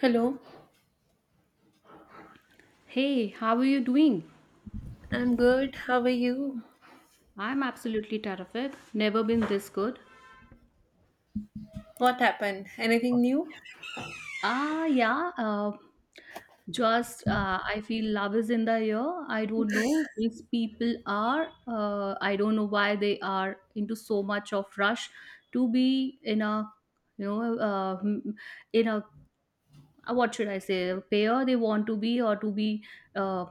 Hello, Hey, how are you doing? I'm good. How are you? I'm absolutely terrific. Never been this good. What happened? Anything new? Ah, yeah. Just I feel love is in the air. I don't know these people are. I don't know why they are into so much of rush to be in a, you know, uh, m- in a what should I say, a pair they want to be or to be uh,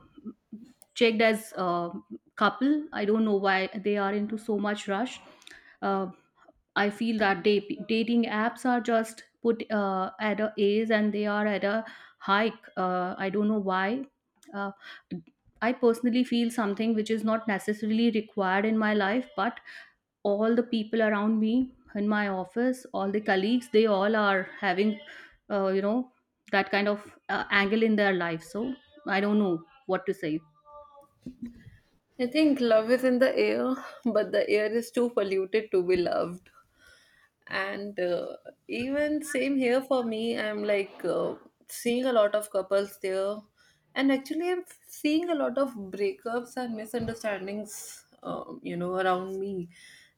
checked as a couple. I don't know why they are into so much rush. Uh, I feel that dating apps are just put at a age and they are at a hike. I don't know why. Uh, I personally feel something which is not necessarily required in my life, but all the people around me in my office, all the colleagues, they all are having, uh, you know, that kind of angle in their life. So I don't know what to say. I think love is in the air, but the air is too polluted to be loved. And even same here for me, I'm like seeing a lot of couples there. And actually, I'm seeing a lot of breakups and misunderstandings, around me.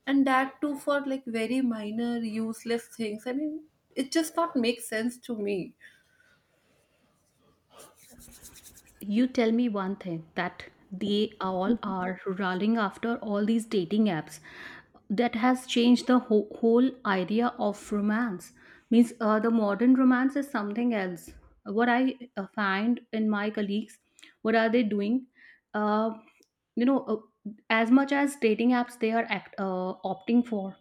And that too for like very minor, useless things. I mean, it just not makes sense to me. You tell me one thing that they all are rolling after all these dating apps. That has changed the whole idea of romance. Means the modern romance is something else. What I find in my colleagues, what are they doing? Uh, you know uh, as much as dating apps they are opting for,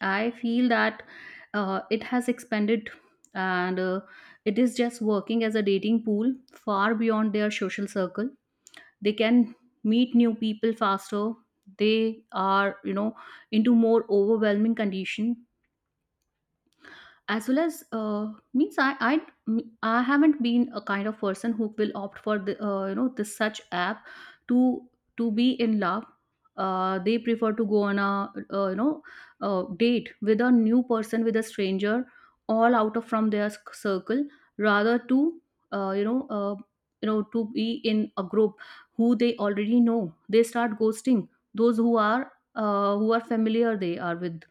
I feel that it has expanded and it is just working as a dating pool far beyond their social circle. They can meet new people faster, they are, you know, into more overwhelming condition as well as, means I haven't been a kind of person who will opt for the this such app to to be in love. They prefer to go on a date with a new person, with a stranger, all out of from their circle, rather to uh, you know uh, to be in a group who they already know. They start ghosting those who are familiar they are with.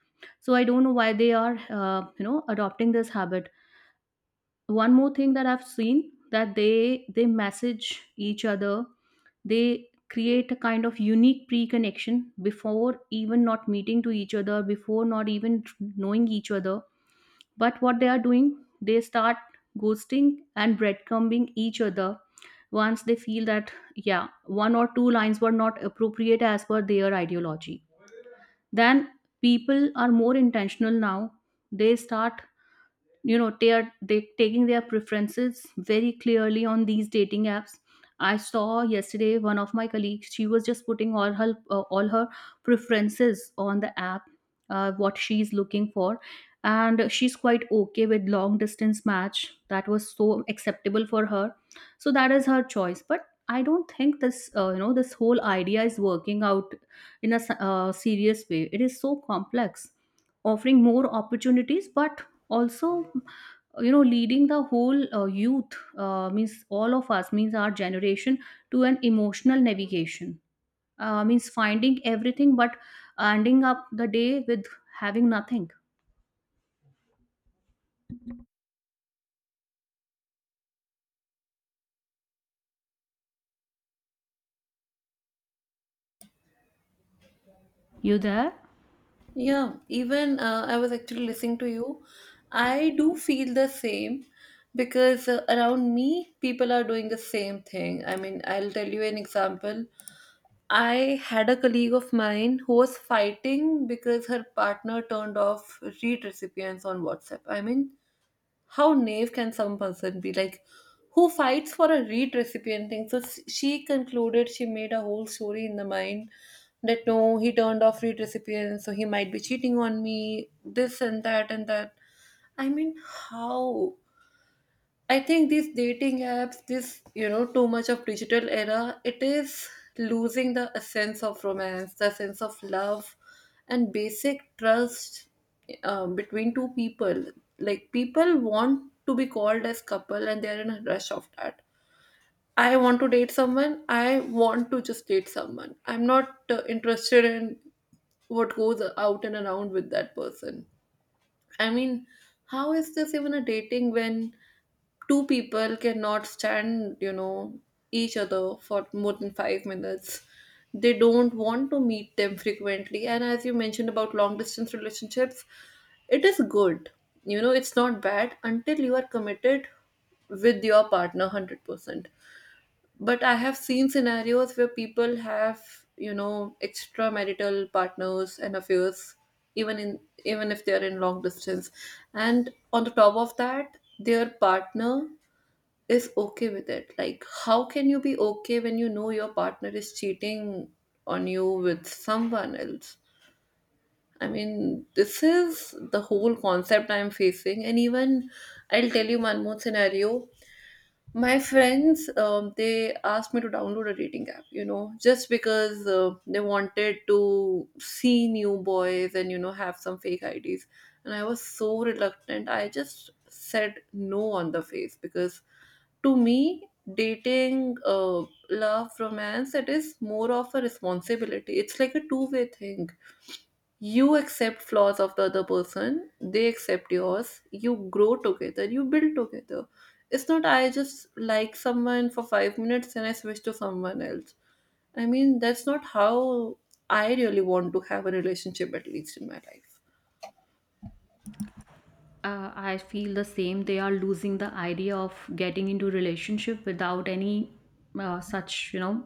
So I don't know why they are adopting this habit. One more thing that I've seen, that they message each other, they create a kind of unique pre-connection before even not meeting to each other, before not even knowing each other. But what they are doing, they start ghosting and breadcrumbing each other. Once they feel that, yeah, one or two lines were not appropriate as per their ideology, then, people are more intentional now. They start, you know, they taking their preferences very clearly on these dating apps. I saw yesterday one of my colleagues, she was just putting all her preferences on the app, what she's looking for, and she's quite okay with long distance match. That was so acceptable for her. So that is her choice. But I don't think this this whole idea is working out in a serious way. It is so complex, offering more opportunities but also, you know, leading the whole youth, means all of us, means our generation to an emotional navigation. Means finding everything but ending up the day with having nothing. You there? Yeah, even I was actually listening to you. I do feel the same because around me, people are doing the same thing. I mean, I'll tell you an example. I had a colleague of mine who was fighting because her partner turned off read recipients on WhatsApp. I mean, how naive can some person be, like who fights for a read recipe and things, so she concluded, she made a whole story in the mind that no, he turned off read recipient so he might be cheating on me, this and that and that. I mean, how? I think these dating apps, this, you know, too much of digital era, it is losing the sense of romance, the sense of love, and basic trust between two people. Like, people want to be called as couple and they're in a rush of that. I want to date someone, I want to just date someone. I'm not interested in what goes out and around with that person. I mean, how is this even a dating when two people cannot stand, you know, each other for more than 5 minutes? They don't want to meet them frequently. And as you mentioned about long distance relationships, it is good. You know, it's not bad until you are committed with your partner 100%. But I have seen scenarios where people have, you know, extramarital partners and affairs, even in, even if they are in long distance, and on the top of that their partner is okay with it. Like how can you be okay when you know your partner is cheating on you with someone else? I mean, this is the whole concept I'm facing. And even, I'll tell you one more scenario. My friends, they asked me to download a dating app, you know, just because they wanted to see new boys and, you know, have some fake IDs. And I was so reluctant. I just said no on the face because to me, dating, love, romance, it is more of a responsibility. It's like a two-way thing. You accept flaws of the other person, they accept yours, you grow together, you build together. It's not I just like someone for 5 minutes and I switch to someone else. I mean, that's not how I really want to have a relationship, at least in my life. I feel the same. They are losing the idea of getting into relationship without any such you know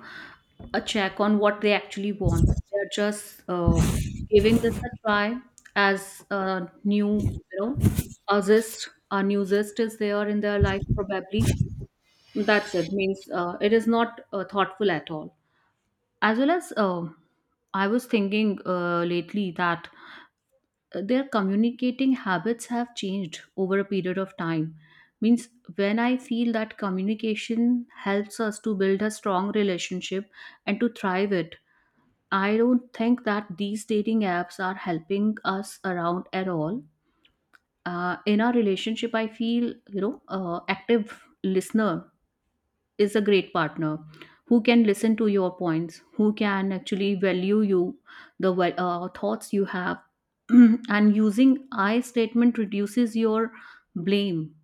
a check on what they actually want. They're just, giving this a try as a new, you know, a zest. A new zest is there in their life probably. That's it. Means it is not thoughtful at all. As well as, um, I was thinking lately that their communicating habits have changed over a period of time. Means when I feel that communication helps us to build a strong relationship and to thrive it, I don't think that these dating apps are helping us around at all in our relationship. I feel, you know, active listener is a great partner who can listen to your points, who can actually value you, the thoughts you have. And using I statement reduces your blame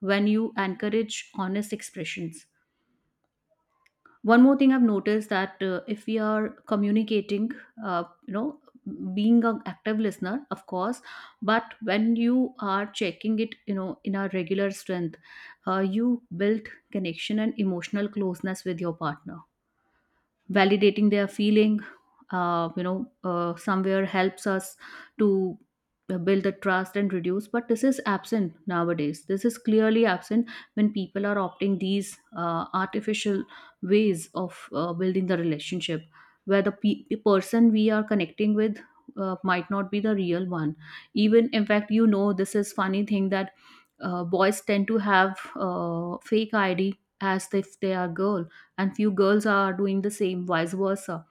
when you encourage honest expressions. One more thing I've noticed that if we are communicating, uh, you know, being an active listener, of course, but when you are checking it, you know, in a regular strength, you build connection and emotional closeness with your partner, validating their feeling, somewhere helps us to build the trust and reduce. But this is absent nowadays. This is clearly absent when people are opting these artificial ways of building the relationship, where the person we are connecting with might not be the real one. Even in fact, you know, this is funny thing, that boys tend to have fake id as if they are girl, and few girls are doing the same vice versa.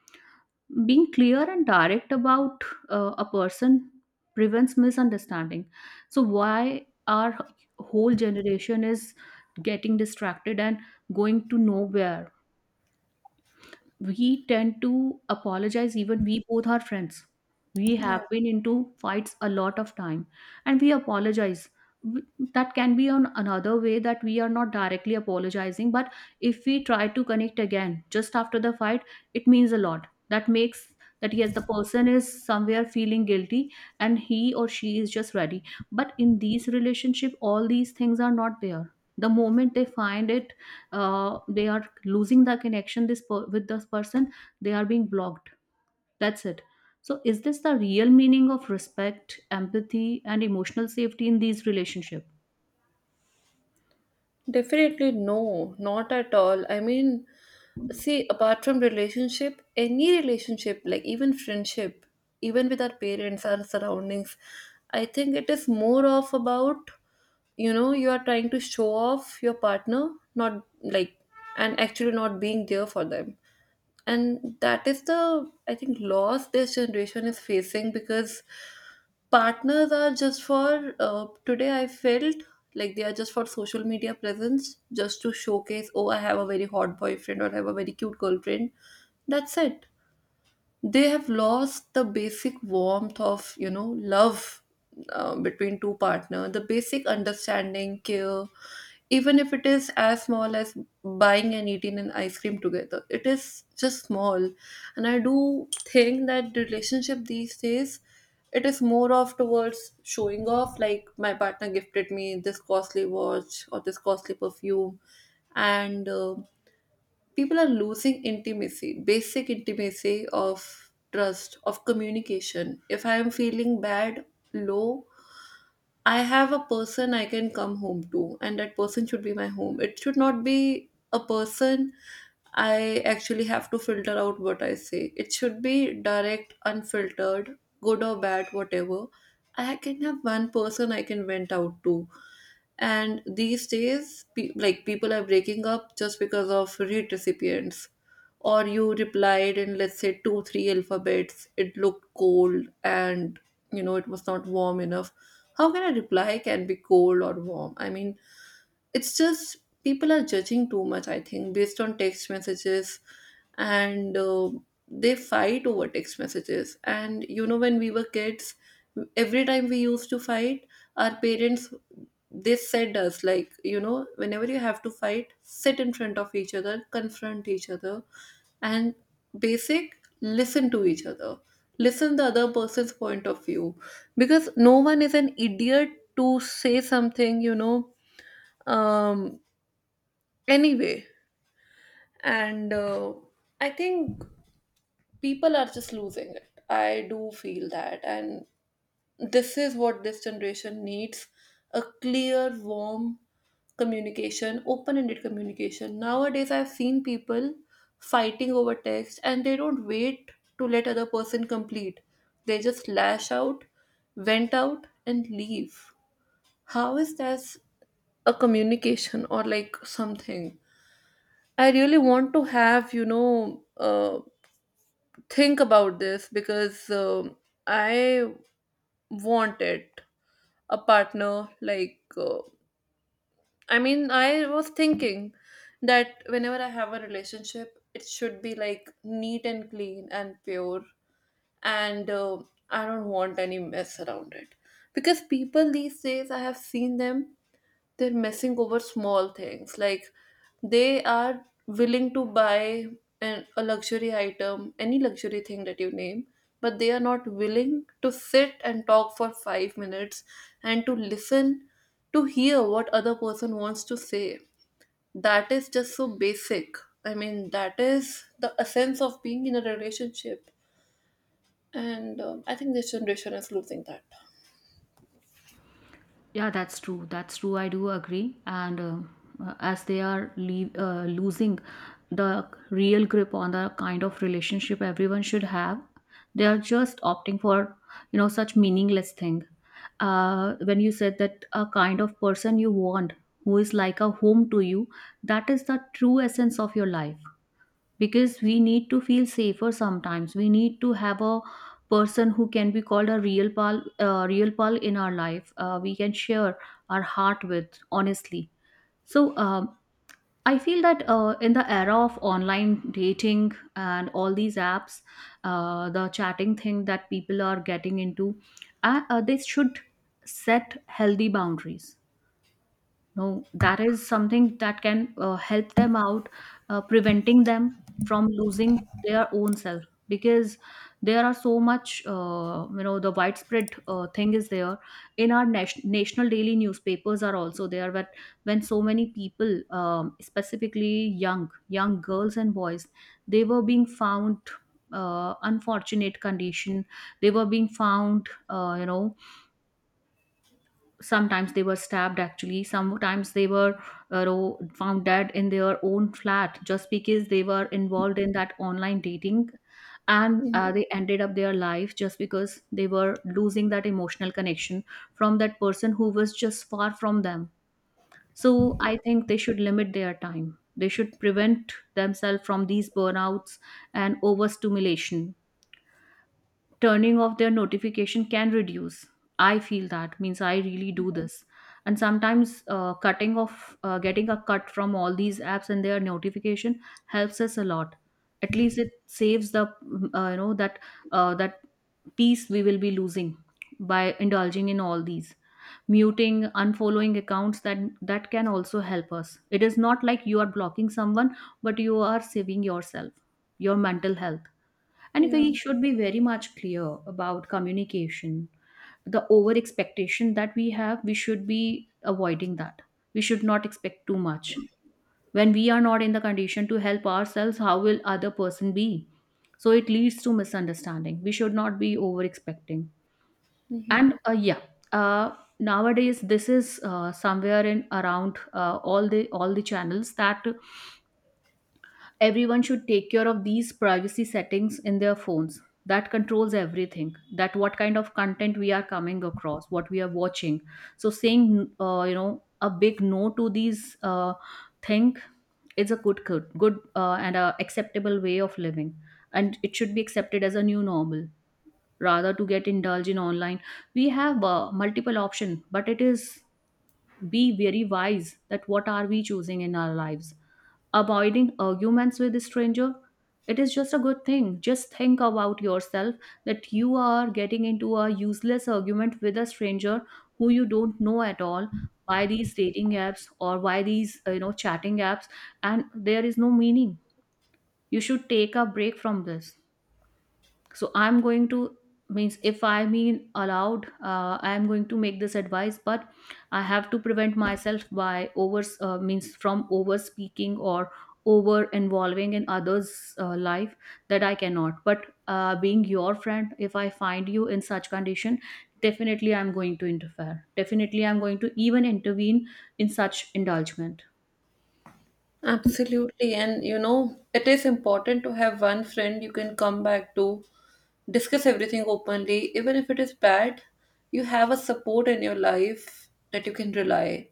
Being clear and direct about a person prevents misunderstanding. So why our whole generation is getting distracted and going to nowhere? We tend to apologize. Even we both are friends, we have Yeah. been into fights a lot of time, and we apologize. W- that can be on another way, that we are not directly apologizing, but if we try to connect again just after the fight, it means a lot. That makes that yes, the person is somewhere feeling guilty and he or she is just ready. But in these relationship all these things are not there. The moment they find it, they are losing the connection, with this person. They are being blocked. That's it. So is this the real meaning of respect, empathy and emotional safety in these relationships? Definitely no, not at all. I mean, see, apart from relationship, any relationship, like even friendship, even with our parents, our surroundings, I think it is more of about, you know, you are trying to show off your partner, not like, and actually not being there for them. And that is the, I think, loss this generation is facing because partners are just for, today I felt like they are just for social media presence, just to showcase, oh, I have a very hot boyfriend or I have a very cute girlfriend. That's it. They have lost the basic warmth of, you know, love between two partner, the basic understanding, care, even if it is as small as buying and eating an ice cream together. It is just small. And I do think that relationship these days, it is more of towards showing off, like my partner gifted me this costly watch or this costly perfume. And people are losing intimacy, basic intimacy of trust, of communication. If I am feeling bad, low, I have a person I can come home to, and that person should be my home. It should not be a person I actually have to filter out what I say. It should be direct, unfiltered, good or bad, whatever. I can have one person I can vent out to. And these days, like people are breaking up just because of hate recipients or you replied in, let's say, two three alphabets, it looked cold and, you know, it was not warm enough. How can a reply can be cold or warm? I mean, it's just people are judging too much, I think, based on text messages. And they fight over text messages. And you know, when we were kids, every time we used to fight, our parents, they said us like, you know, whenever you have to fight, sit in front of each other, confront each other, and basic listen to each other, listen the other person's point of view, because no one is an idiot to say something, you know. um anyway, and I think people are just losing it, I do feel that. And this is what this generation needs, a clear, warm communication, open ended communication. Nowadays, I've seen people fighting over text and they don't wait to let other person complete. They just lash out, vent out, and leave. How is that a communication or like something? I really want to have, you know, think about this because I want it. A partner, like, I mean, I was thinking that whenever I have a relationship, it should be like neat and clean and pure, and I don't want any mess around it. Because people these days, I have seen them they're messing over small things, like they are willing to buy a luxury item, any luxury thing that you name, but they are not willing to sit and talk for 5 minutes and to listen, to hear what other person wants to say. That is just so basic. I mean, that is the essence of being in a relationship. And I think this generation is losing that. Yeah, that's true. That's true. I do agree. And As they are losing the real grip on the kind of relationship everyone should have, they are just opting for, you know, such meaningless thing. When you said that a kind of person you want who is like a home to you, that is the true essence of your life. Because we need to feel safer. Sometimes we need to have a person who can be called a real pal, real pal in our life, we can share our heart with honestly. So I feel that in the era of online dating and all these apps, the chatting thing that people are getting into, they should set healthy boundaries. No, that is something that can help them out, preventing them from losing their own self. Because there are so much, the widespread thing is there. In our national daily newspapers are also there, but when so many people, specifically young girls and boys, they were being found unfortunate condition. They were being found, sometimes they were stabbed, actually sometimes they were found dead in their own flat, just because they were involved in that online dating. And Mhm. They ended up their life just because they were losing that emotional connection from that person who was just far from them. So I think they should limit their time, they should prevent themselves from these burnouts and overstimulation. Turning off their notification can reduce, I feel that. Means I really do this. And sometimes cutting off, getting a cut from all these apps and their notification helps us a lot. At least it saves the that that peace we will be losing by indulging in all these. Muting, unfollowing accounts, that can also help us. It is not like you are blocking someone, but you are saving yourself, your mental health. And Yeah. we should be very much clear about communication. The over expectation that we have, we should be avoiding that. We should not expect too much. When we are not in the condition to help ourselves, how will other person be? So it leads to misunderstanding. We should not be over expecting. And yeah, uh, nowadays this is somewhere in around all the channels, that everyone should take care of these privacy settings in their phones. That controls everything. That what kind of content we are coming across, what we are watching. So saying, a big no to these thing is a good and a acceptable way of living, and it should be accepted as a new normal rather to get indulged in online. We have multiple option, but it is be very wise that what are we choosing in our lives, avoiding arguments with a stranger. It is just a good thing, just think about yourself, that you are getting into a useless argument with a stranger who you don't know at all by these dating apps or by these chatting apps, and there is no meaning. You should take a break from this. So I'm going to, means if I mean allowed, I am going to make this advice, but I have to prevent myself by over means from over speaking or over involving in others life. That I cannot, but being your friend, if I find you in such condition, definitely I'm going to interfere, definitely I'm going to even intervene in such indulgement. Absolutely. And you know, it is important to have one friend you can come back to, discuss everything openly, even if it is bad, you have a support in your life that you can rely.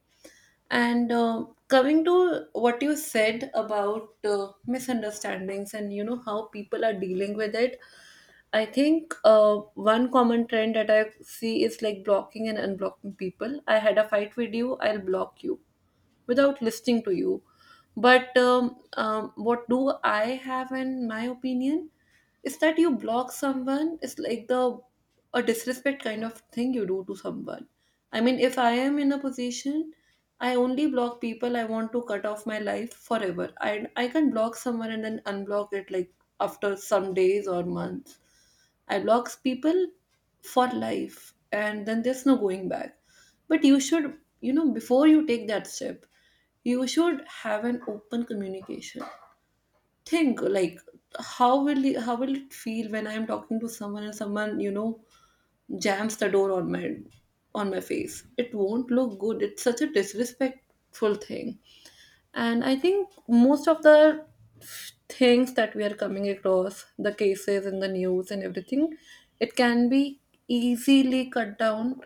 And coming to what you said about misunderstandings and you know how people are dealing with it, I think one common trend that I see is like blocking and unblocking people. I had a fight with you, I'll block you without listening to you. But what do I have in my opinion is that you block someone, it's like the, a disrespect kind of thing you do to someone. I mean, if I am in a position, I only block people I want to cut off my life forever. I can block someone and then unblock it like after some days or months. I block people for life and then there's no going back. But you should, you know, before you take that step, you should have an open communication. Think like how will it feel when I am talking to someone and someone, you know, jams the door on my face. It won't look good. It's such a disrespectful thing. And I think most of the things that we are coming across, the cases in the news and everything, it can be easily cut down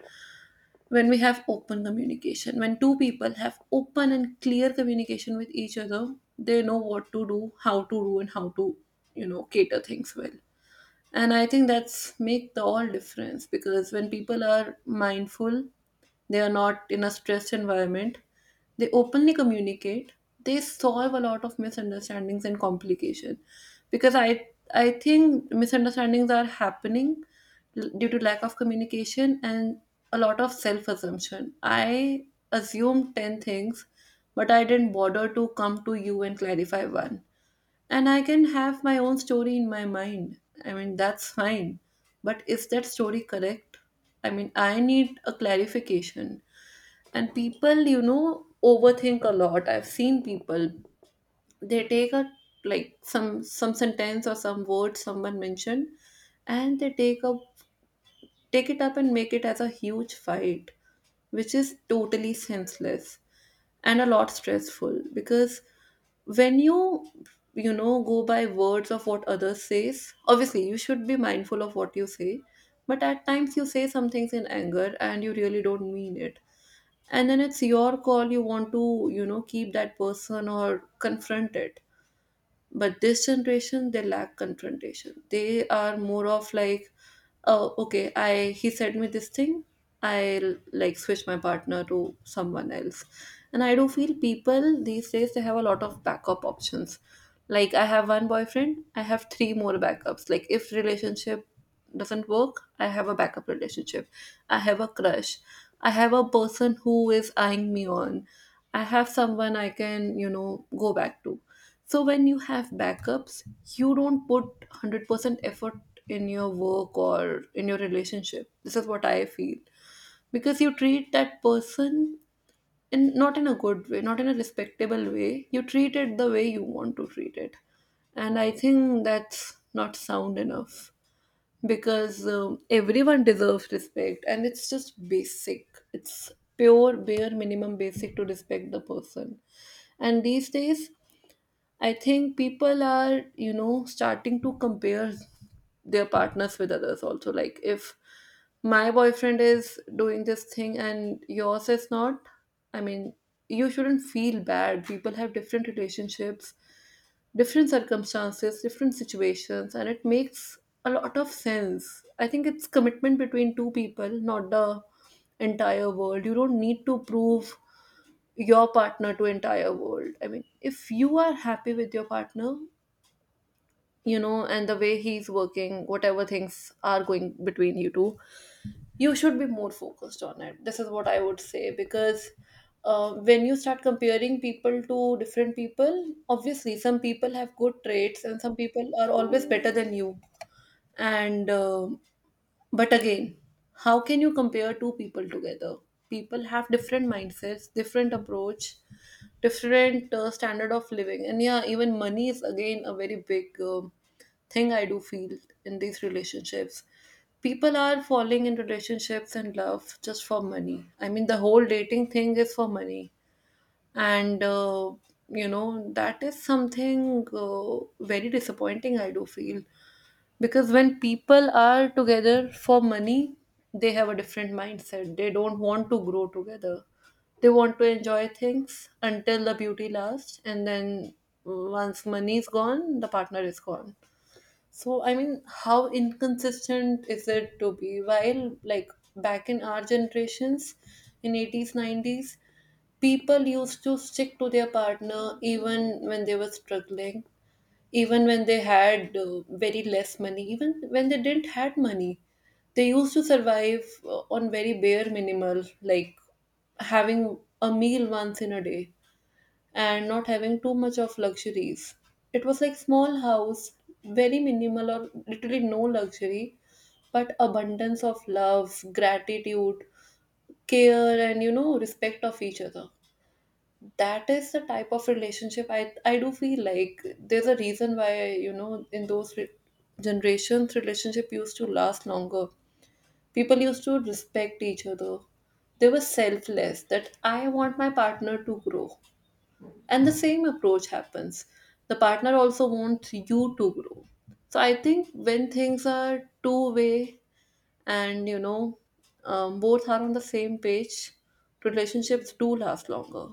when we have open communication. When two people have open and clear communication with each other, they know what to do, how to do, and how to, you know, cater things well. And I think that's make the all difference, because when people are mindful, they are not in a stressed environment, they openly communicate, they solve a lot of misunderstandings and complication. Because I think misunderstandings are happening due to lack of communication and a lot of self assumption. I assumed 10 things but I didn't bother to come to you and clarify one. And I can have my own story in my mind. I mean, that's fine. But is that story correct? I mean, I need a clarification. And people, you know, overthink a lot. I've seen people, they take a like some sentence or some word someone mentioned and they take it up and make it as a huge fight, which is totally senseless and a lot stressful. Because when you know, go by words of what others says, obviously you should be mindful of what you say, but at times you say some things in anger and you really don't mean it. And then it's your call, you want to, you know, keep that person or confront it. But this generation, they lack confrontation. They are more of like, oh, okay, I he said me this thing, I'll like switch my partner to someone else. And I do feel people these days, they have a lot of backup options. Like, I have one boyfriend, I have three more backups, like if relationship doesn't work, I have a backup relationship, I have a crush, I have a person who is eyeing me on, I have someone I can, you know, go back to. So when you have backups, you don't put 100% effort in your work or in your relationship. This is what I feel. Because you treat that person in not in a good way, not in a respectable way. You treat it the way you want to treat it. And I think that's not sound enough because everyone deserves respect and it's just basic. It's pure, bare minimum basic to respect the person. And these days, I think people are, you know, starting to compare their partners with others also. Like, if my boyfriend is doing this thing and yours is not, I mean, you shouldn't feel bad. People have different relationships, different circumstances, different situations, and it makes a lot of sense. I think it's commitment between two people, not the entire world. You don't need to prove your partner to entire world. I mean, if you are happy with your partner, you know, and the way he's working, whatever things are going between you two, you should be more focused on it. This is what I would say. Because when you start comparing people to different people, obviously some people have good traits and some people are always better than you. And but again, how can you compare two people together? People have different mindsets, different approach, different standard of living, and yeah, even money is again a very big thing I do feel in these relationships. People are falling in relationships and love just for money. I mean, the whole dating thing is for money, and you know, that is something very disappointing. I do feel, because when people are together for money, they have a different mindset. They don't want to grow together, they want to enjoy things until the beauty lasts, and then once money is gone, the partner is gone. So I mean, how inconsistent is it to be? While like back in our generations, in 80's 90's, people used to stick to their partner even when they were struggling, even when they had very less money, even when they didn't had money. They used to survive on very bare minimal, like having a meal once in a day and not having too much of luxuries. It was like small house, very minimal or literally no luxury, but abundance of love, gratitude, care, and, you know, respect of each other. That is the type of relationship I do feel like. There's a reason why, you know, in those generations, relationship used to last longer. People used to respect each other. They were selfless, that I want my partner to grow, and the same approach happens, the partner also wants you to grow. So I think when things are two way and, you know, both are on the same page, relationships do last longer.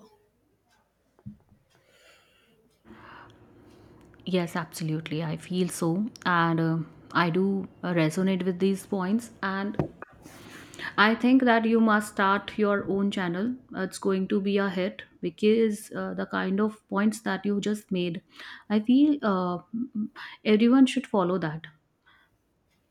Yes, absolutely. I feel so. And I do resonate with these points. And I think that you must start your own channel. It's going to be a hit because the kind of points that you just made, I feel everyone should follow that.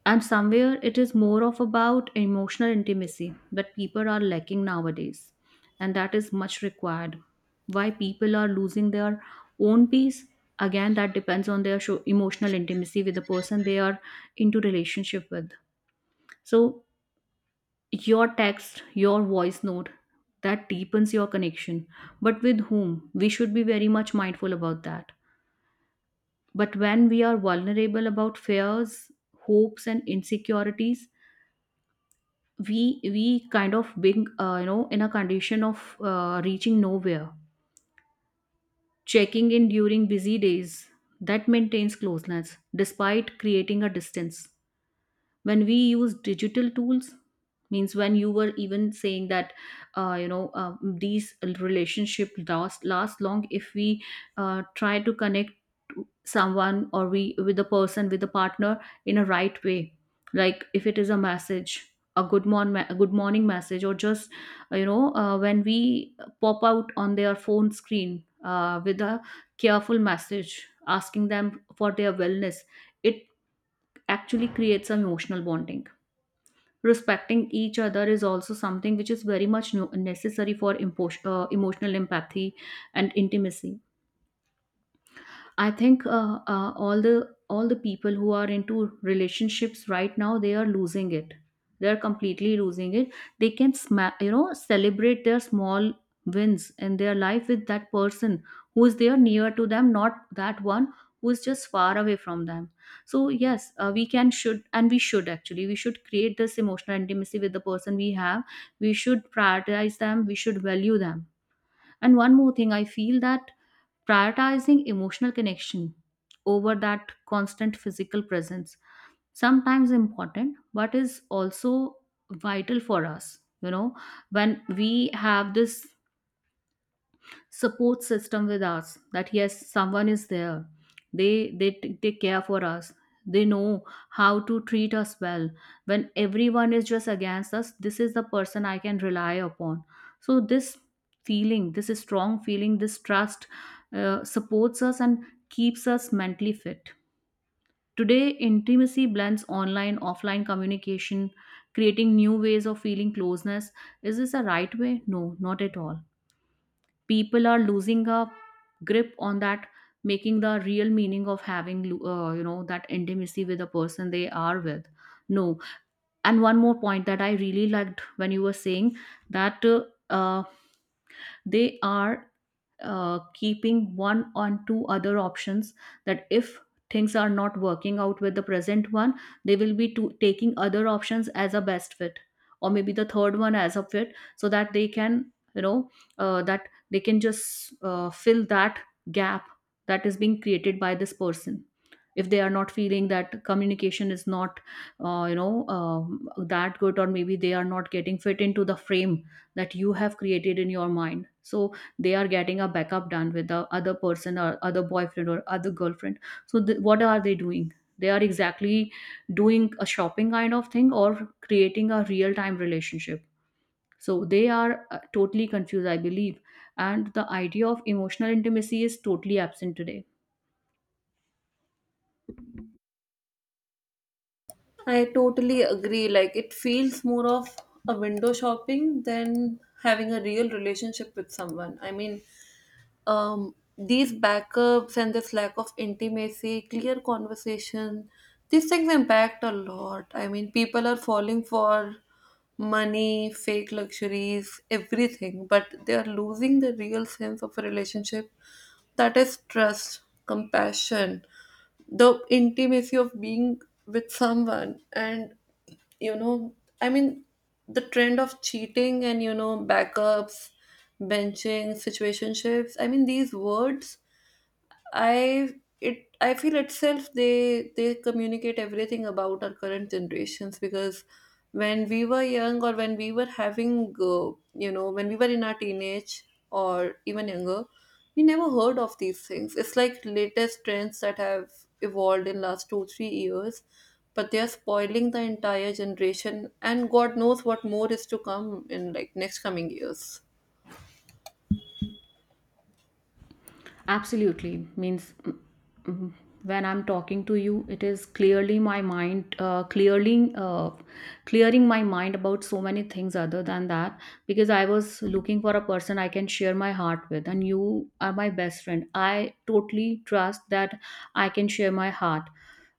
And somewhere it is more of about emotional intimacy that people are lacking nowadays. And that is much required. Why people are losing their own peace? Again, that depends on their emotional intimacy with the person they are into relationship with. So your text, your voice note, that deepens your connection. But with whom? We should be very much mindful about that. But when we are vulnerable about fears, hopes, and insecurities, we kind of being in a condition of reaching nowhere. Checking in during busy days, that maintains closeness despite creating a distance. When we use digital tools, means when you were even saying that, these relationship last long if we try to connect to someone, or we with a person with a partner in a right way, like if it is a message, a good morning message, or just when we pop out on their phone screen with a careful message asking them for their wellness, it actually creates an emotional bonding. Respecting each other is also something which is very much necessary for emotional empathy and intimacy. I think all the people who are into relationships right now, they are losing it. They are completely losing it. They can celebrate their small wins in their life with that person who is there near to them, not that one who is just far away from them. So yes, we can should and we should actually we should create this emotional intimacy with the person we have. We should prioritize them. We should value them. And one more thing, I feel that prioritizing emotional connection over that constant physical presence, sometimes important, but is also vital for us, you know, when we have this support system with us, that yes, someone is there, they take care for us, they know how to treat us well. When everyone is just against us, this is the person I can rely upon. So this feeling, this strong feeling, this trust supports us and keeps us mentally fit. Today intimacy blends online offline communication, creating new ways of feeling closeness. Is this a right way? No, not at all. People are losing a grip on that, making the real meaning of having that intimacy with the person they are with. No. And one more point that I really liked when you were saying that, uh, they are keeping one on two other options, that if things are not working out with the present one, they will be to, taking other options as a best fit, or maybe the third one as a fit, so that they can, you know, that they can just fill that gap that is being created by this person, if they are not feeling that communication is not that good, or maybe they are not getting fit into the frame that you have created in your mind. So they are getting a backup done with the other person, or other boyfriend or other girlfriend. So what are they doing? They are exactly doing a shopping kind of thing, or creating a real time relationship. So they are totally confused, I believe. And the idea of emotional intimacy is totally absent today. I totally agree. Like, it feels more of a window shopping than having a real relationship with someone. I mean, these backups and this lack of intimacy, clear conversation, these things impact a lot. I mean, people are falling for money, fake luxuries, everything, but they are losing the real sense of a relationship, that is trust, compassion, the intimacy of being with someone and, you know, I mean, the trend of cheating and, you know, backups, benching, situationships. I mean, these words I it I feel itself, they communicate everything about our current generations. Because when we were young, or when we were having you know, when we were in our teenage or even younger, we never heard of these things. It's like latest trends that have evolved in last 2 3 years, but they are spoiling the entire generation, and god knows what more is to come in like next coming years. Absolutely. Means mm, when I'm talking to you, it is clearly my mind, clearly clearing my mind about so many things other than that. Because I was looking for a person I can share my heart with, and you are my best friend. I totally trust that I can share my heart.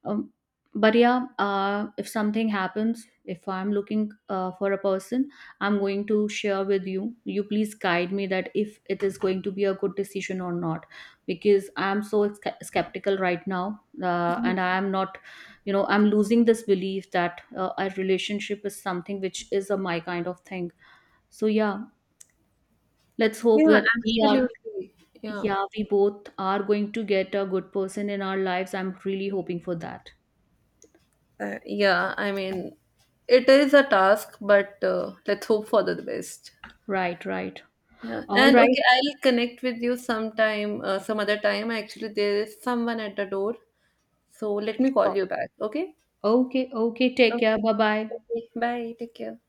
um, but yeah, if something happens, if I'm looking for a person, I'm going to share with you. You please guide me that if it is going to be a good decision or not, because I'm so skeptical right now. And I am not, you know, I'm losing this belief that a relationship is something which is a my kind of thing. So yeah, let's hope Yeah, that we are, absolutely. Yeah. yeah, we both are going to get a good person in our lives. I'm really hoping for that. Yeah, I mean, it is a task, but let's hope for the best. Right, right. Yeah, All and right. okay, I'll connect with you sometime, some other time. Actually, there is someone at the door, so let me call Oh, you back. Okay? okay, okay. Oh, Take care. Bye bye. okay. Bye. Take care.